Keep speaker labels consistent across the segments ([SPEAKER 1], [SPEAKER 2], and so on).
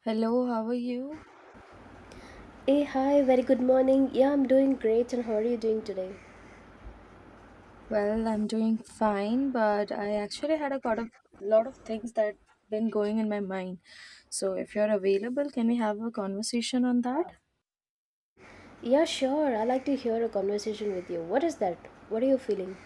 [SPEAKER 1] Hello, how are you?
[SPEAKER 2] Hey, hi, very good morning. Yeah, I'm doing great, and how are you doing today?
[SPEAKER 1] Well, I'm doing fine, but I actually had a lot of things that been going in my mind. So, if you're available, can we have a conversation on that?
[SPEAKER 2] Yeah, sure. I like to hear a conversation with you. What is that? What are you feeling?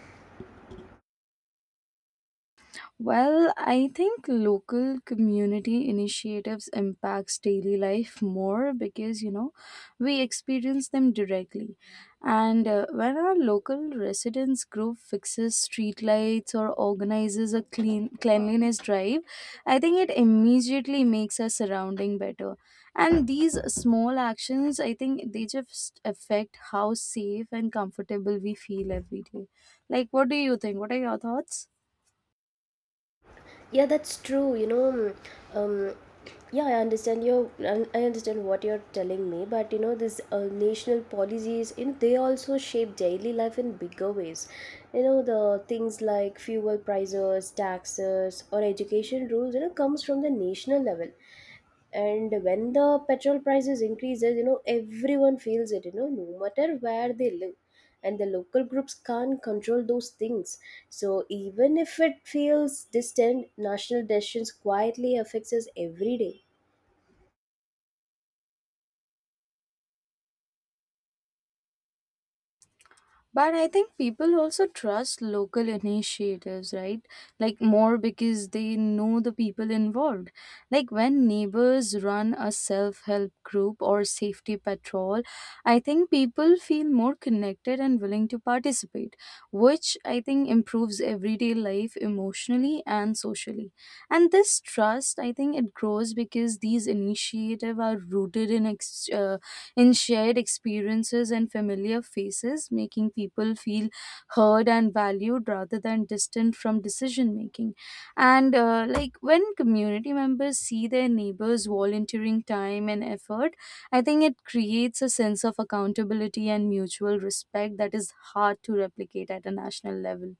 [SPEAKER 1] Well, I think local community initiatives impacts daily life more because you know we experience them directly. And When our local residents group fixes streetlights or organizes a cleanliness drive, I think it immediately makes our surrounding better. And these small actions, I think they just affect how safe and comfortable we feel every day. Like, what do you think? What are your thoughts?
[SPEAKER 2] Yeah, that's true. You know, um, um, yeah, I understand your, I understand what you're telling me, but you know, this national policies, you know, they also shape daily life in bigger ways. You know, the things like fuel prices, taxes, or education rules, you know, comes from the national level. And when the petrol prices increases, you know, everyone feels it. You know, no matter where they live, and the local groups can't control those things, so even if it feels distant, national decisions quietly affects us every day.
[SPEAKER 1] But I think people also trust local initiatives, right? Like more because they know the people involved. Like when neighbors run a self help group or safety patrol, I think people feel more connected and willing to participate, which I think improves everyday life emotionally and socially. And this trust, I think it grows because these initiatives are rooted in in shared experiences and familiar faces, making people feel heard and valued rather than distant from decision making. And Like when community members see their neighbors volunteering time and effort, I think it creates a sense of accountability and mutual respect that is hard to replicate at a national level,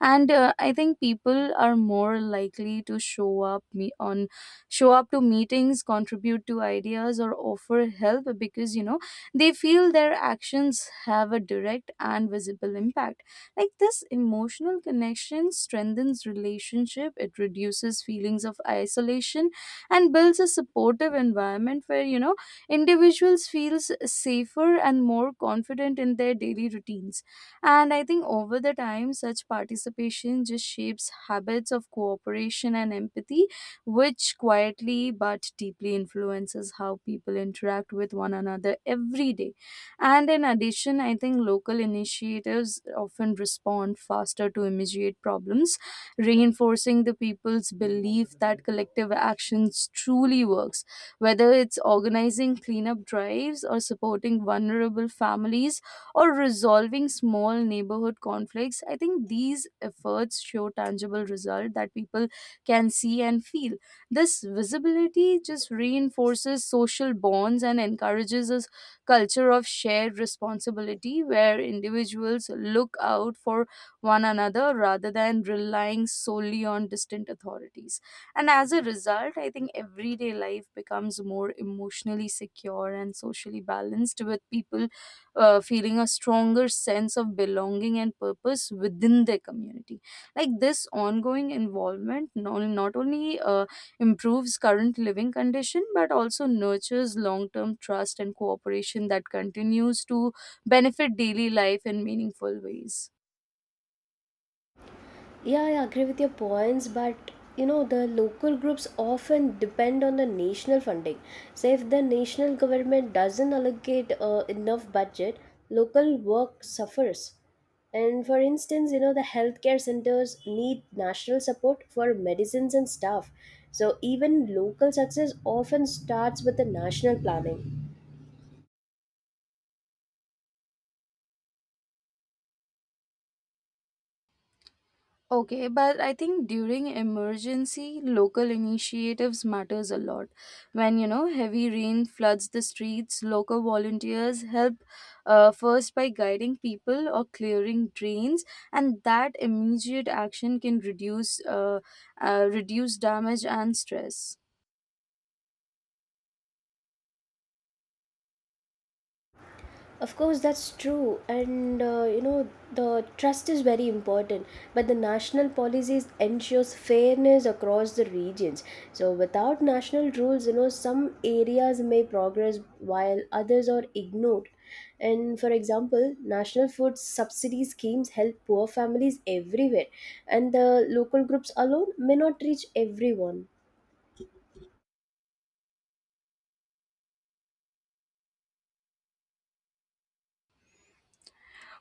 [SPEAKER 1] and I think people are more likely to show up to meetings, contribute to ideas, or offer help because, you know, they feel their actions have a direct and visible impact. Like this emotional connection strengthens relationship, it reduces feelings of isolation and builds a supportive environment where, you know, individuals feels safer and more confident in their daily routines. And I think over the time, such participation just shapes habits of cooperation and empathy which quietly but deeply influences how people interact with one another every day. And in addition, I think local initiatives often respond faster to immediate problems, reinforcing the people's belief that collective actions truly works. Whether it's organizing cleanup drives or supporting vulnerable families or resolving small neighborhood conflicts, I think these efforts show tangible result that people can see and feel. This visibility just reinforces social bonds and encourages a culture of shared responsibility where individuals look out for one another rather than relying solely on distant authorities. And as a result, I think everyday life becomes more emotionally secure and socially balanced, with people feeling a stronger sense of belonging and purpose within their community. Like this ongoing involvement, not only improves current living condition but also nurtures long-term trust and cooperation that continues to benefit daily life in meaningful ways.
[SPEAKER 2] Yeah, yeah, I agree with your points, but you know, the local groups often depend on the national funding. So, if the national government doesn't allocate enough budget, local work suffers. And for instance, you know, the healthcare centers need national support for medicines and staff. So, even local success often starts with the national planning.
[SPEAKER 1] Okay, but I think during emergency, local initiatives matters a lot. When you know heavy rain floods the streets, local volunteers help first by guiding people or clearing drains, and that immediate action can reduce damage and stress.
[SPEAKER 2] Of course, that's true, and you know, the trust is very important. But the national policies ensures fairness across the regions. So without national rules, you know, some areas may progress while others are ignored. And for example, national food subsidy schemes help poor families everywhere, and the local groups alone may not reach everyone.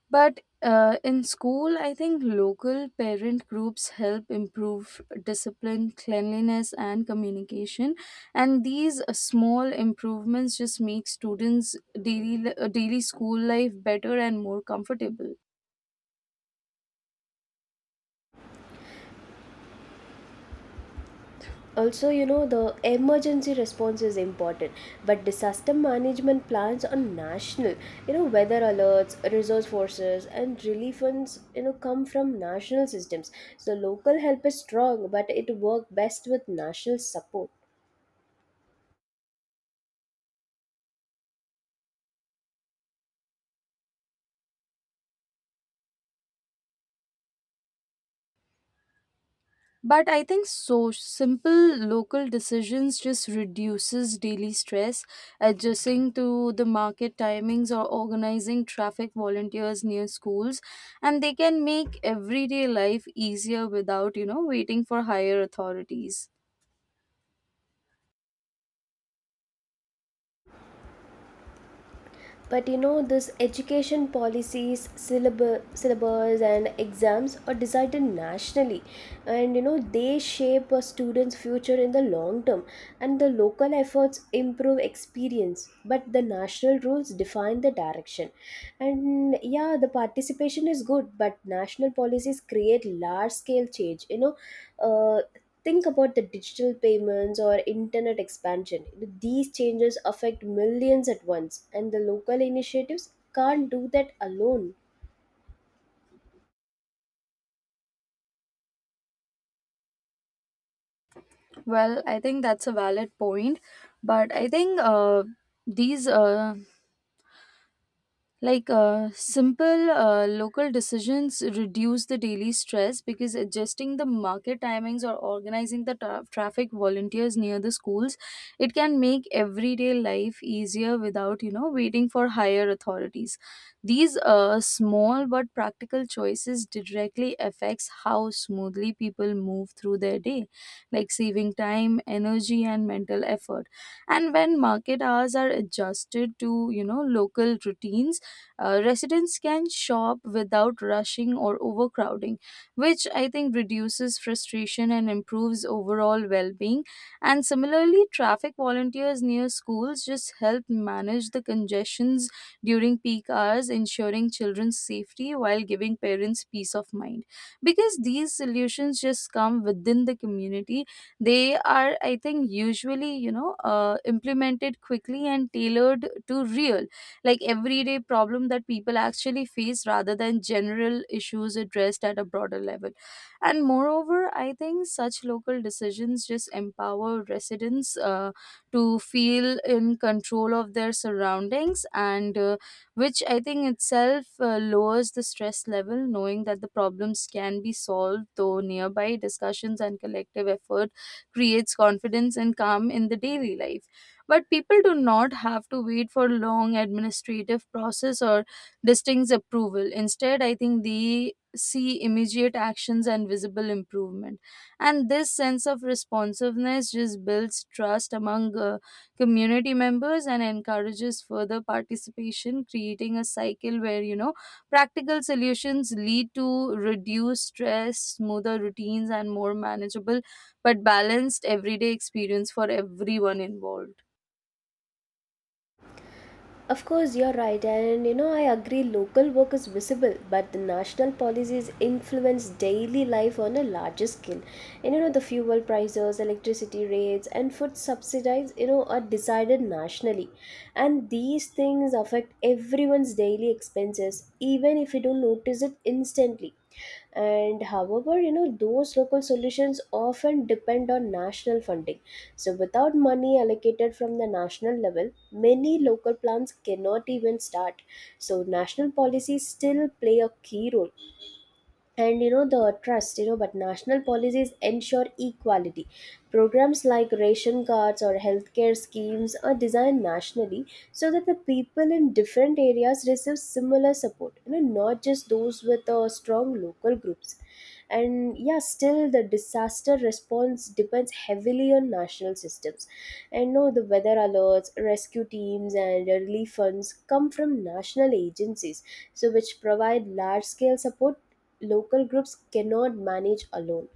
[SPEAKER 1] But in school, I think local parent groups help improve discipline, cleanliness, and communication. And these small improvements just make students' daily school life better and more comfortable.
[SPEAKER 2] Also, you know, the emergency response is important, but disaster management plans on national, you know, weather alerts, resource forces, and relief funds, you know, come from national systems, so local help is strong but it works best with national support.
[SPEAKER 1] But I think so simple local decisions just reduces daily stress, adjusting to the market timings or organizing traffic volunteers near schools, and they can make everyday life easier without you know waiting for higher authorities.
[SPEAKER 2] But you know, this education policies, syllabus and exams are decided nationally, and you know, they shape a student's future in the long term. And the local efforts improve experience, but the national rules define the direction. And yeah, the participation is good, but national policies create large scale change, you know. uh, Think about the digital payments or internet expansion. These changes affect millions at once, and the local initiatives can't do that alone.
[SPEAKER 1] Well I think that's a valid point, but I think these Like simple local decisions reduce the daily stress because adjusting the market timings or organizing the traffic volunteers near the schools, it can make everyday life easier without you know waiting for higher authorities. These small but practical choices directly affects how smoothly people move through their day, like saving time, energy, and mental effort. And when market hours are adjusted to you know local routines, residents can shop without rushing or overcrowding, which I think reduces frustration and improves overall well being. And similarly, traffic volunteers near schools just help manage the congestions during peak hours, ensuring children's safety while giving parents peace of mind. Because these solutions just come within the community, they are, I think, usually, you know, implemented quickly and tailored to real like everyday problem that people actually face rather than general issues addressed at a broader level. And moreover, I think such local decisions just empower residents to feel in control of their surroundings, and which I think itself lowers the stress level, knowing that the problems can be solved though nearby discussions and collective effort creates confidence and calm in the daily life. But people do not have to wait for long administrative process or distinct approval. Instead I think they see immediate actions and visible improvement, and this sense of responsiveness just builds trust among community members and encourages further participation, creating a cycle where you know practical solutions lead to reduced stress, smoother routines, and more manageable but balanced everyday experience for everyone involved.
[SPEAKER 2] Of course, you're right, and you know, I agree local work is visible, but the national policies influence daily life on a larger scale. And you know, the fuel prices, electricity rates, and food subsidies, you know, are decided nationally. And these things affect everyone's daily expenses, even if you don't notice it instantly. And however, you know, those local solutions often depend on national funding, so, without money allocated from the national level, many local plans cannot even start. So, national policies still play a key role. And you know, the trust, you know, but national policies ensure equality. Programs like ration cards or healthcare schemes are designed nationally so that the people in different areas receive similar support, you know, not just those with strong local groups. And yeah, still the disaster response depends heavily on national systems. And no, the weather alerts, rescue teams, and relief funds come from national agencies, so which provide large scale support. Local groups cannot manage alone.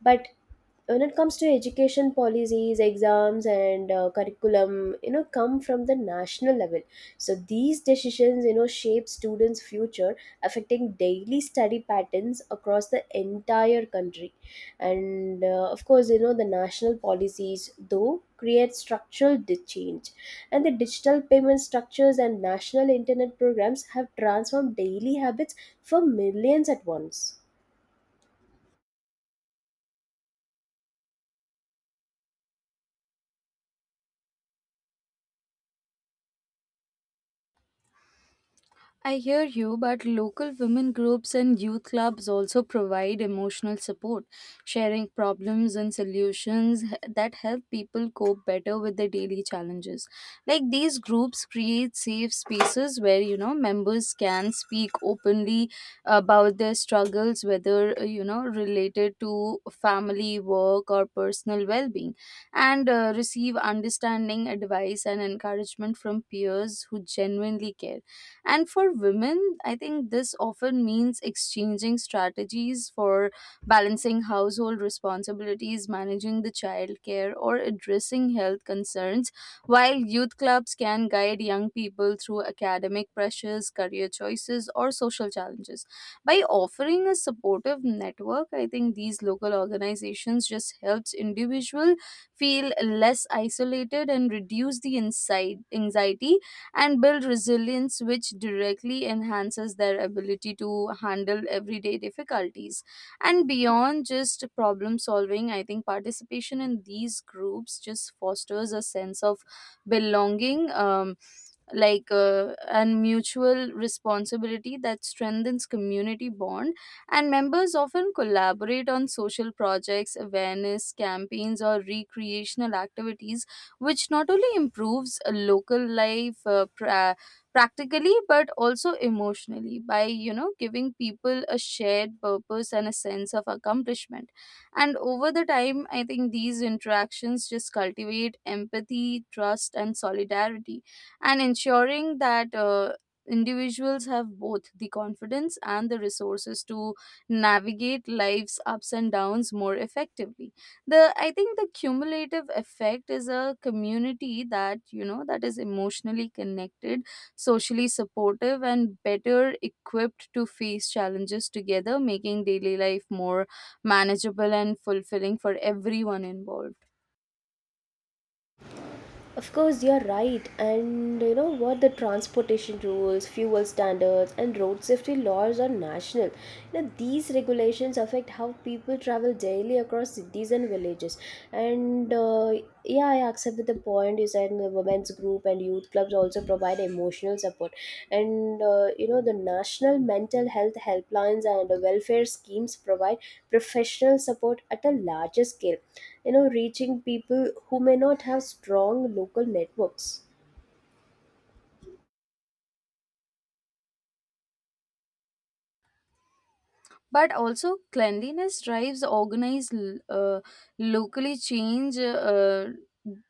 [SPEAKER 2] But when it comes to education policies, exams, and curriculum, you know, come from the national level, so these decisions, you know, shape students future, affecting daily study patterns across the entire country. And of course, you know, the national policies though create structural change, and the digital payment structures and national internet programs have transformed daily habits for millions at once.
[SPEAKER 1] I hear you, but local women groups and youth clubs also provide emotional support, sharing problems and solutions that help people cope better with their daily challenges. Like these groups create safe spaces where, you know, members can speak openly about their struggles, whether, you know, related to family, work, or personal well being, and receive understanding, advice, and encouragement from peers who genuinely care. And for women, I think this often means exchanging strategies for balancing household responsibilities, managing the childcare, or addressing health concerns, while youth clubs can guide young people through academic pressures, career choices, or social challenges. By offering a supportive network, I think these local organizations just helps individual feel less isolated and reduce the inside anxiety and build resilience, which directly enhances their ability to handle everyday difficulties. And beyond just problem solving, I think participation in these groups just fosters a sense of belonging. And mutual responsibility that strengthens community bond, and members often collaborate on social projects, awareness campaigns, or recreational activities, which not only improves local life practically but also emotionally by you know giving people a shared purpose and a sense of accomplishment. And over the time, I think these interactions just cultivate empathy, trust, and solidarity, and ensuring that individuals have both the confidence and the resources to navigate life's ups and downs more effectively. The I think the cumulative effect is a community that you know that is emotionally connected, socially supportive, and better equipped to face challenges together, making daily life more manageable and fulfilling for everyone involved.
[SPEAKER 2] Of course, you're right. And you know what? The transportation rules, fuel standards, and road safety laws are national. Now, these regulations affect how people travel daily across cities and villages. And yeah, I accept the point you said women's group and youth clubs also provide emotional support, and you know, the national mental health helplines and welfare schemes provide professional support at a larger scale, you know, reaching people who may not have strong local networks.
[SPEAKER 1] But also cleanliness drives organized locally change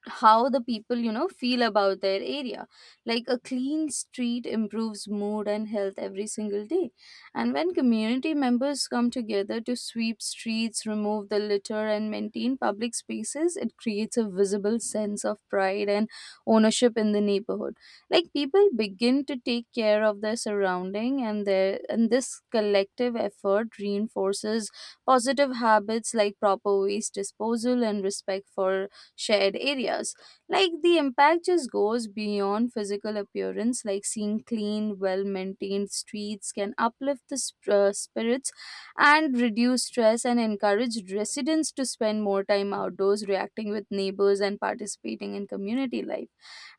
[SPEAKER 1] how the people you know feel about their area. Like a clean street improves mood and health every single day, and when community members come together to sweep streets, remove the litter, and maintain public spaces, it creates a visible sense of pride and ownership in the neighborhood. Like people begin to take care of their surrounding, and this collective effort reinforces positive habits like proper waste disposal and respect for shared areas. Like the impact just goes beyond physical appearance, like seeing clean, well maintained streets can uplift the spirits, and reduce stress, and encourage residents to spend more time outdoors, reacting with neighbors and participating in community life.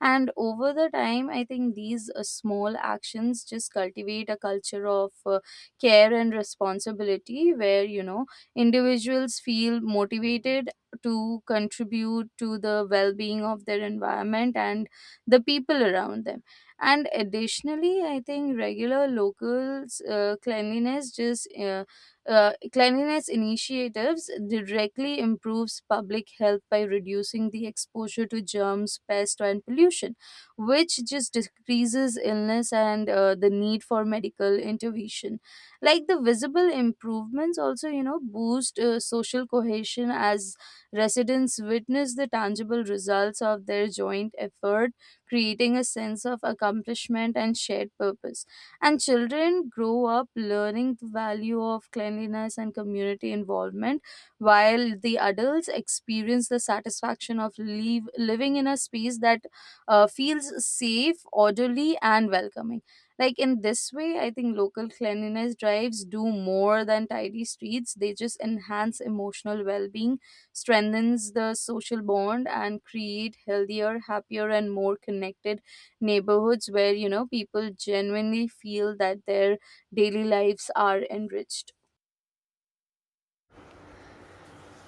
[SPEAKER 1] And over the time, I think these small actions just cultivate a culture of care and responsibility where, you know, individuals feel motivated to contribute to the well-being of their environment and the people around them. And additionally I think regular locals cleanliness initiatives directly improves public health by reducing the exposure to germs, pest, and pollution, which just decreases illness and the need for medical intervention. Like the visible improvements also you know boost social cohesion, as residents witness the tangible results of their joint effort, creating a sense of accomplishment and shared purpose. And children grow up learning the value of cleanliness and community involvement, while the adults experience the satisfaction of living in a space that feels safe, orderly, and welcoming. Like in this way, I think local cleanliness drives do more than tidy streets. They just enhance emotional well being, strengthens the social bond, and create healthier, happier, and more connected neighborhoods where you know people genuinely feel that their daily lives are enriched.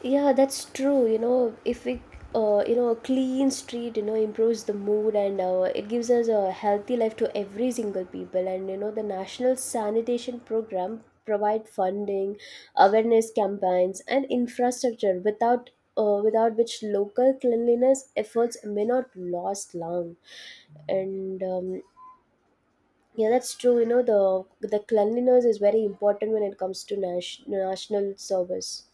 [SPEAKER 2] Yeah, that's true. You know, if we, you know, a clean street, you know, improves the mood, and it gives us a healthy life to every single people. And you know, the National Sanitation Program provide funding, awareness campaigns, and infrastructure without. Without which local cleanliness efforts may not last long. And yeah, that's true, you know, the cleanliness is very important when it comes to national service.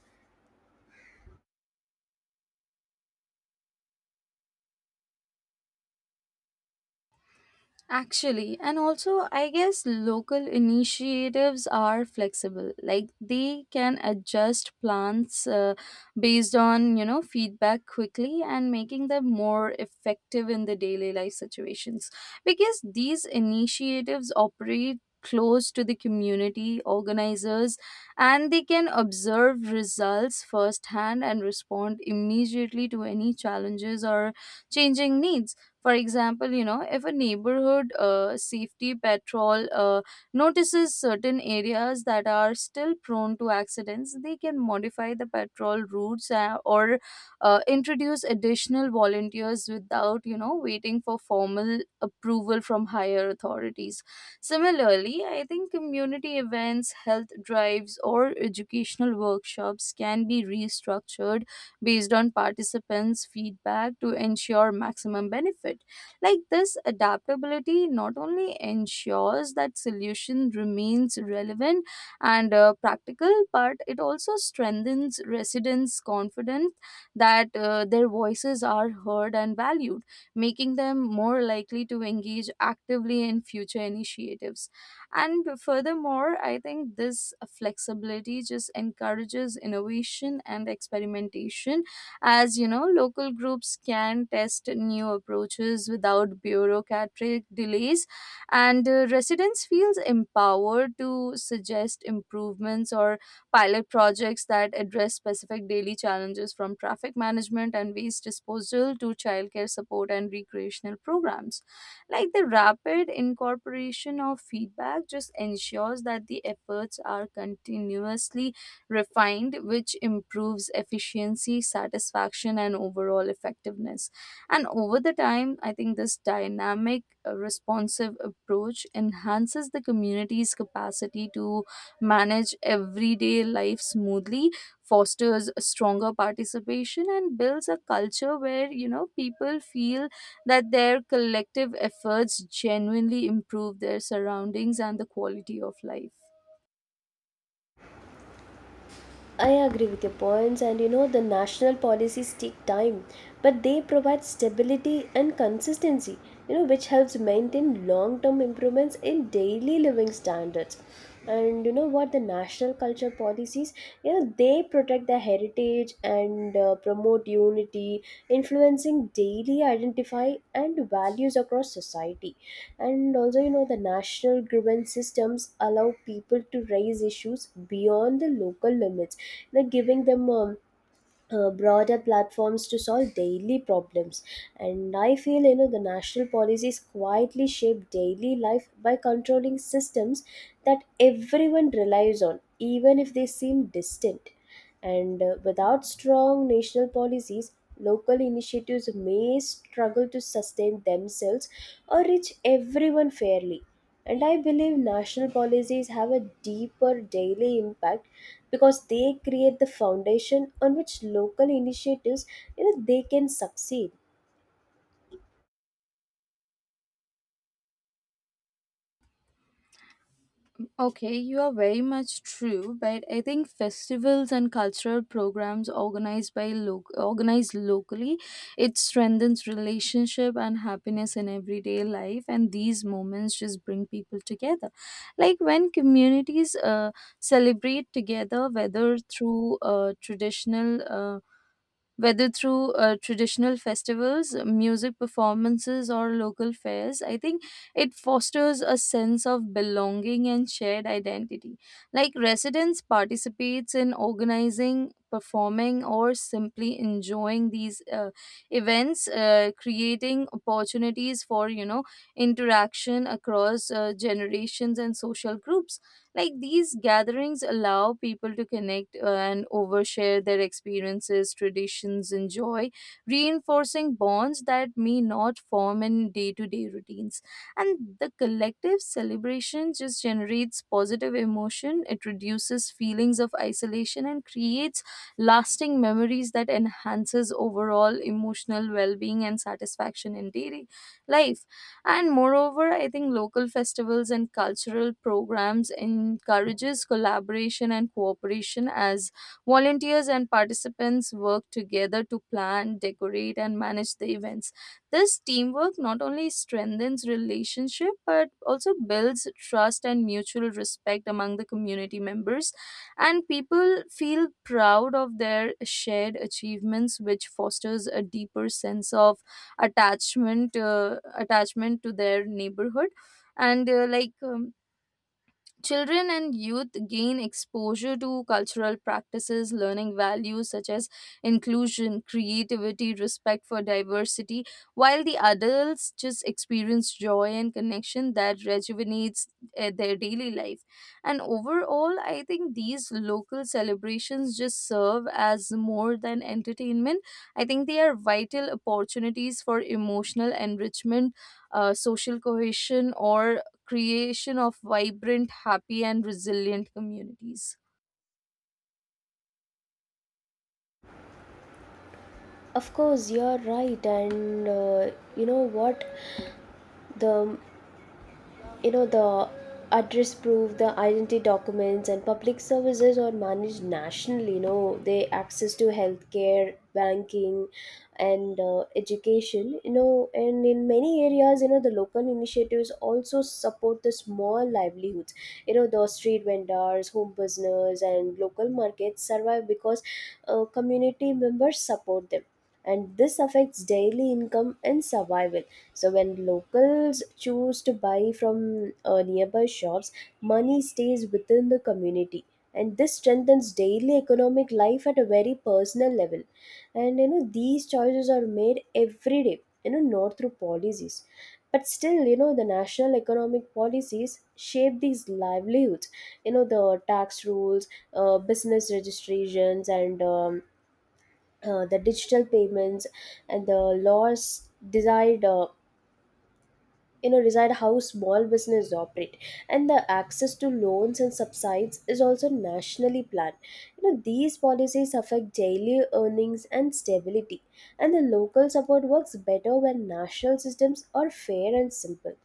[SPEAKER 1] Actually, and also, I guess local initiatives are flexible. Like they can adjust plans based on, you know, feedback quickly and making them more effective in the daily life situations. Because these initiatives operate close to the community organizers, and they can observe results firsthand and respond immediately to any challenges or changing needs. For example, you know, if a neighborhood safety patrol notices certain areas that are still prone to accidents, they can modify the patrol routes or introduce additional volunteers without, you know, waiting for formal approval from higher authorities. Similarly, I think community events, health drives, or educational workshops can be restructured based on participants' feedback to ensure maximum benefit. Like this adaptability not only ensures that solution remains relevant and practical, but it also strengthens residents' confidence that their voices are heard and valued, making them more likely to engage actively in future initiatives. And furthermore, I think this flexibility just encourages innovation and experimentation, as you know, local groups can test new approaches without bureaucratic delays, and residents feels empowered to suggest improvements or pilot projects that address specific daily challenges from traffic management and waste disposal to childcare support and recreational programs. Like the rapid incorporation of feedback just ensures that the efforts are continuously refined, which improves efficiency, satisfaction, and overall effectiveness. And over the time, I think this dynamic, responsive approach enhances the community's capacity to manage everyday life smoothly, fosters stronger participation and builds a culture where you know people feel that their collective efforts genuinely improve their surroundings and the quality of life.
[SPEAKER 2] I agree with your points, and you know, the national policies take time, but they provide stability and consistency, you know, which helps maintain long term improvements in daily living standards. And you know what, the national culture policies, you know, they protect their heritage and promote unity, influencing daily identify and values across society. And also, you know, the national grievance systems allow people to raise issues beyond the local limits, like giving them broader platforms to solve daily problems. And I feel, you know, the national policies quietly shape daily life by controlling systems that everyone relies on, even if they seem distant. And without strong national policies, local initiatives may struggle to sustain themselves or reach everyone fairly. And I believe national policies have a deeper daily impact because they create the foundation on which local initiatives, you know, they can succeed.
[SPEAKER 1] Okay, you are very much true, but I think festivals and cultural programs organized by organized locally, it strengthens relationship and happiness in everyday life, and these moments just bring people together. Like when communities celebrate together, whether through traditional festivals, music performances, or local fairs, I think it fosters a sense of belonging and shared identity. Like residents participates in organizing, performing, or simply enjoying these events, creating opportunities for you know interaction across generations and social groups, like these gatherings allow people to connect and overshare their experiences, traditions, and joy, reinforcing bonds that may not form in day to day routines. And the collective celebration just generates positive emotion, it reduces feelings of isolation, and creates lasting memories that enhances overall emotional well being and satisfaction in daily life. And moreover, I think local festivals and cultural programs encourages collaboration and cooperation as volunteers and participants work together to plan, decorate and manage the events. This teamwork not only strengthens relationship but also builds trust and mutual respect among the community members. And people feel proud of their shared achievements, which fosters a deeper sense of attachment to their neighborhood. And like Children and youth gain exposure to cultural practices, learning values such as inclusion, creativity, respect for diversity, while the adults just experience joy and connection that rejuvenates their daily life. And overall, I think these local celebrations just serve as more than entertainment. I think they are vital opportunities for emotional enrichment, social cohesion, or creation of vibrant, happy, and resilient communities.
[SPEAKER 2] Of course, you're right, and you know what, the you know the address proof, the identity documents and public services are managed nationally, you know, they access to healthcare, banking, and education, you know, and in many areas, you know, the local initiatives also support the small livelihoods. You know, the street vendors, home business, and local markets survive because community members support them, and this affects daily income and survival. So when locals choose to buy from nearby shops, money stays within the community, and this strengthens daily economic life at a very personal level. And you know, these choices are made every day, you know, not through policies. But still, you know, the national economic policies shape these livelihoods. You know, the tax rules, business registrations, and the digital payments, and the laws desired, you know, decide how small business operate. And the access to loans and subsides is also nationally planned, you know, these policies affect daily earnings and stability, and the local support works better when national systems are fair and simple.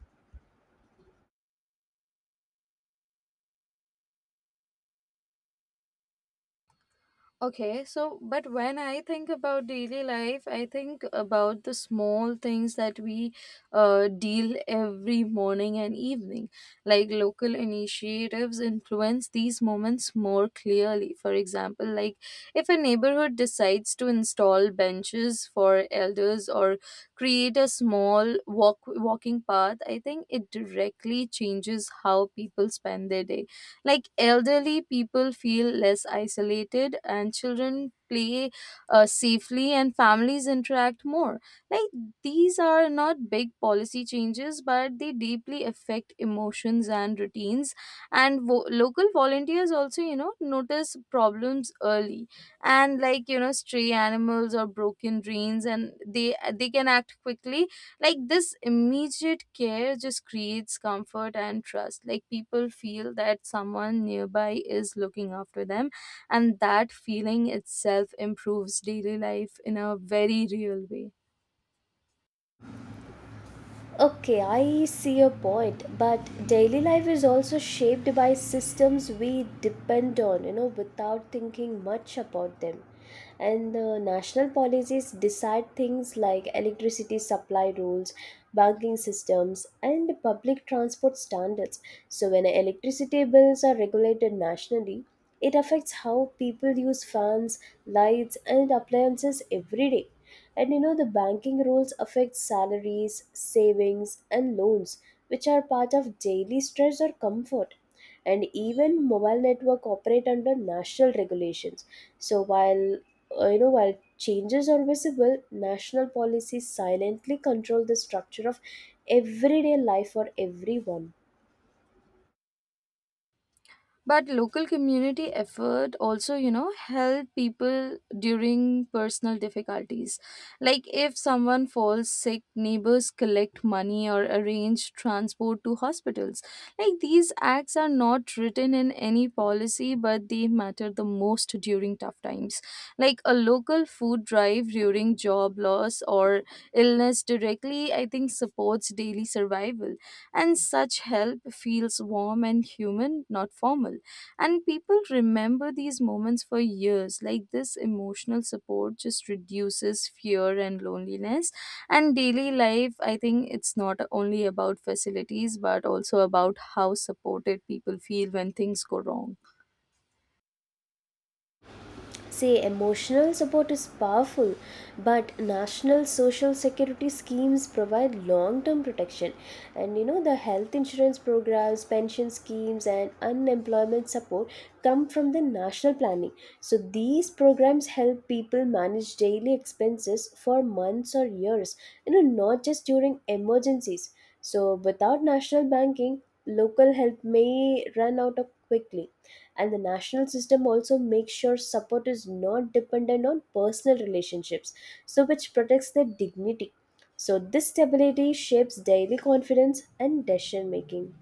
[SPEAKER 1] Okay, so but when I think about daily life, I think about the small things that we deal every morning and evening. Like local initiatives influence these moments more clearly. For example, like if a neighborhood decides to install benches for elders or create a small walking path, I think it directly changes how people spend their day, like elderly people feel less isolated, and children play safely, and families interact more. Like these are not big policy changes, but they deeply affect emotions and routines. And local volunteers also, you know, notice problems early, and like you know, stray animals or broken drains, and they can act quickly, like this immediate care just creates comfort and trust, like people feel that someone nearby is looking after them, and that feeling itself improves daily life in a very real way.
[SPEAKER 2] Okay, I see your point, but daily life is also shaped by systems we depend on, you know, without thinking much about them. And the national policies decide things like electricity supply rules, banking systems, and public transport standards. So, when electricity bills are regulated nationally, it affects how people use fans, lights, and appliances every day. And you know, the banking rules affect salaries, savings, and loans, which are part of daily stress or comfort. And even mobile network operate under national regulations. So while you know while changes are visible, national policies silently control the structure of everyday life for everyone.
[SPEAKER 1] But local community effort also, you know, help people during personal difficulties. Like if someone falls sick, neighbors collect money or arrange transport to hospitals. Like these acts are not written in any policy, but they matter the most during tough times. Like a local food drive during job loss or illness directly, I think, supports daily survival. And such help feels warm and human, not formal. And people remember these moments for years. Like this emotional support just reduces fear and loneliness. And daily life, I think it's not only about facilities, but also about how supported people feel when things go wrong.
[SPEAKER 2] Say emotional support is powerful, but national social security schemes provide long term protection. And you know, the health insurance programs, pension schemes, and unemployment support come from the national planning. So these programs help people manage daily expenses for months or years, you know, not just during emergencies. So, without national banking, local help may run out of quickly. And the national system also makes sure support is not dependent on personal relationships, so which protects their dignity. So, this stability shapes daily confidence and decision making.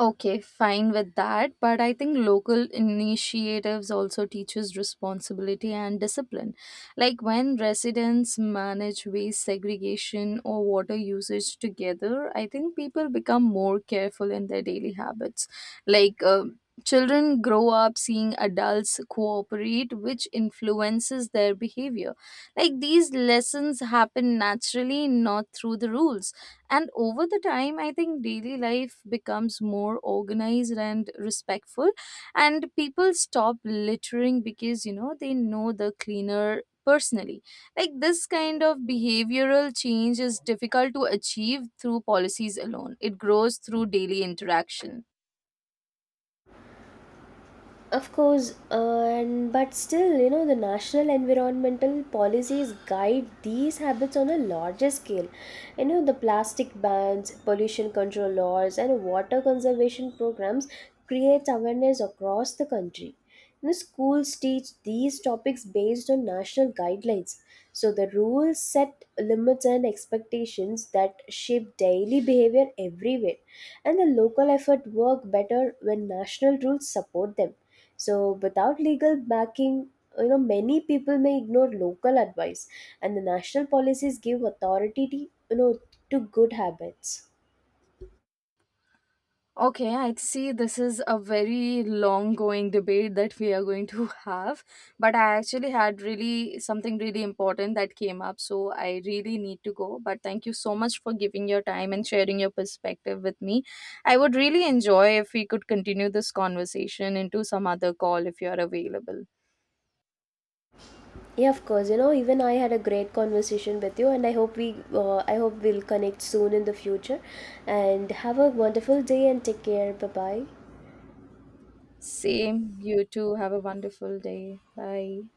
[SPEAKER 1] Okay, fine with that, but I think local initiatives also teaches responsibility and discipline. Like when residents manage waste segregation or water usage together, I think people become more careful in their daily habits. Like children grow up seeing adults cooperate, which influences their behavior. Like these lessons happen naturally, not through the rules. And over the time, I think daily life becomes more organized and respectful, and people stop littering because you know they know the cleaner personally. Like this kind of behavioral change is difficult to achieve through policies alone, it grows through daily interaction.
[SPEAKER 2] Of course, and but still, you know, the national environmental policies guide these habits on a larger scale. You know, the plastic bans, pollution control laws, and water conservation programs create awareness across the country. You know, schools teach these topics based on national guidelines. So the rules set limits and expectations that shape daily behavior everywhere. And the local effort work better when national rules support them. So without legal backing, you know, many people may ignore local advice, and the national policies give authority to, you know, to good habits.
[SPEAKER 1] Okay, I see this is a very long going debate that we are going to have, but I actually had really something really important that came up, so I really need to go. But thank you so much for giving your time and sharing your perspective with me. I would really enjoy if we could continue this conversation into some other call if you're available.
[SPEAKER 2] Yeah, of course. You know, even I had a great conversation with you, and I hope we'll connect soon in the future. And have a wonderful day, and take care. Bye bye.
[SPEAKER 1] Same, you too. Have a wonderful day. Bye.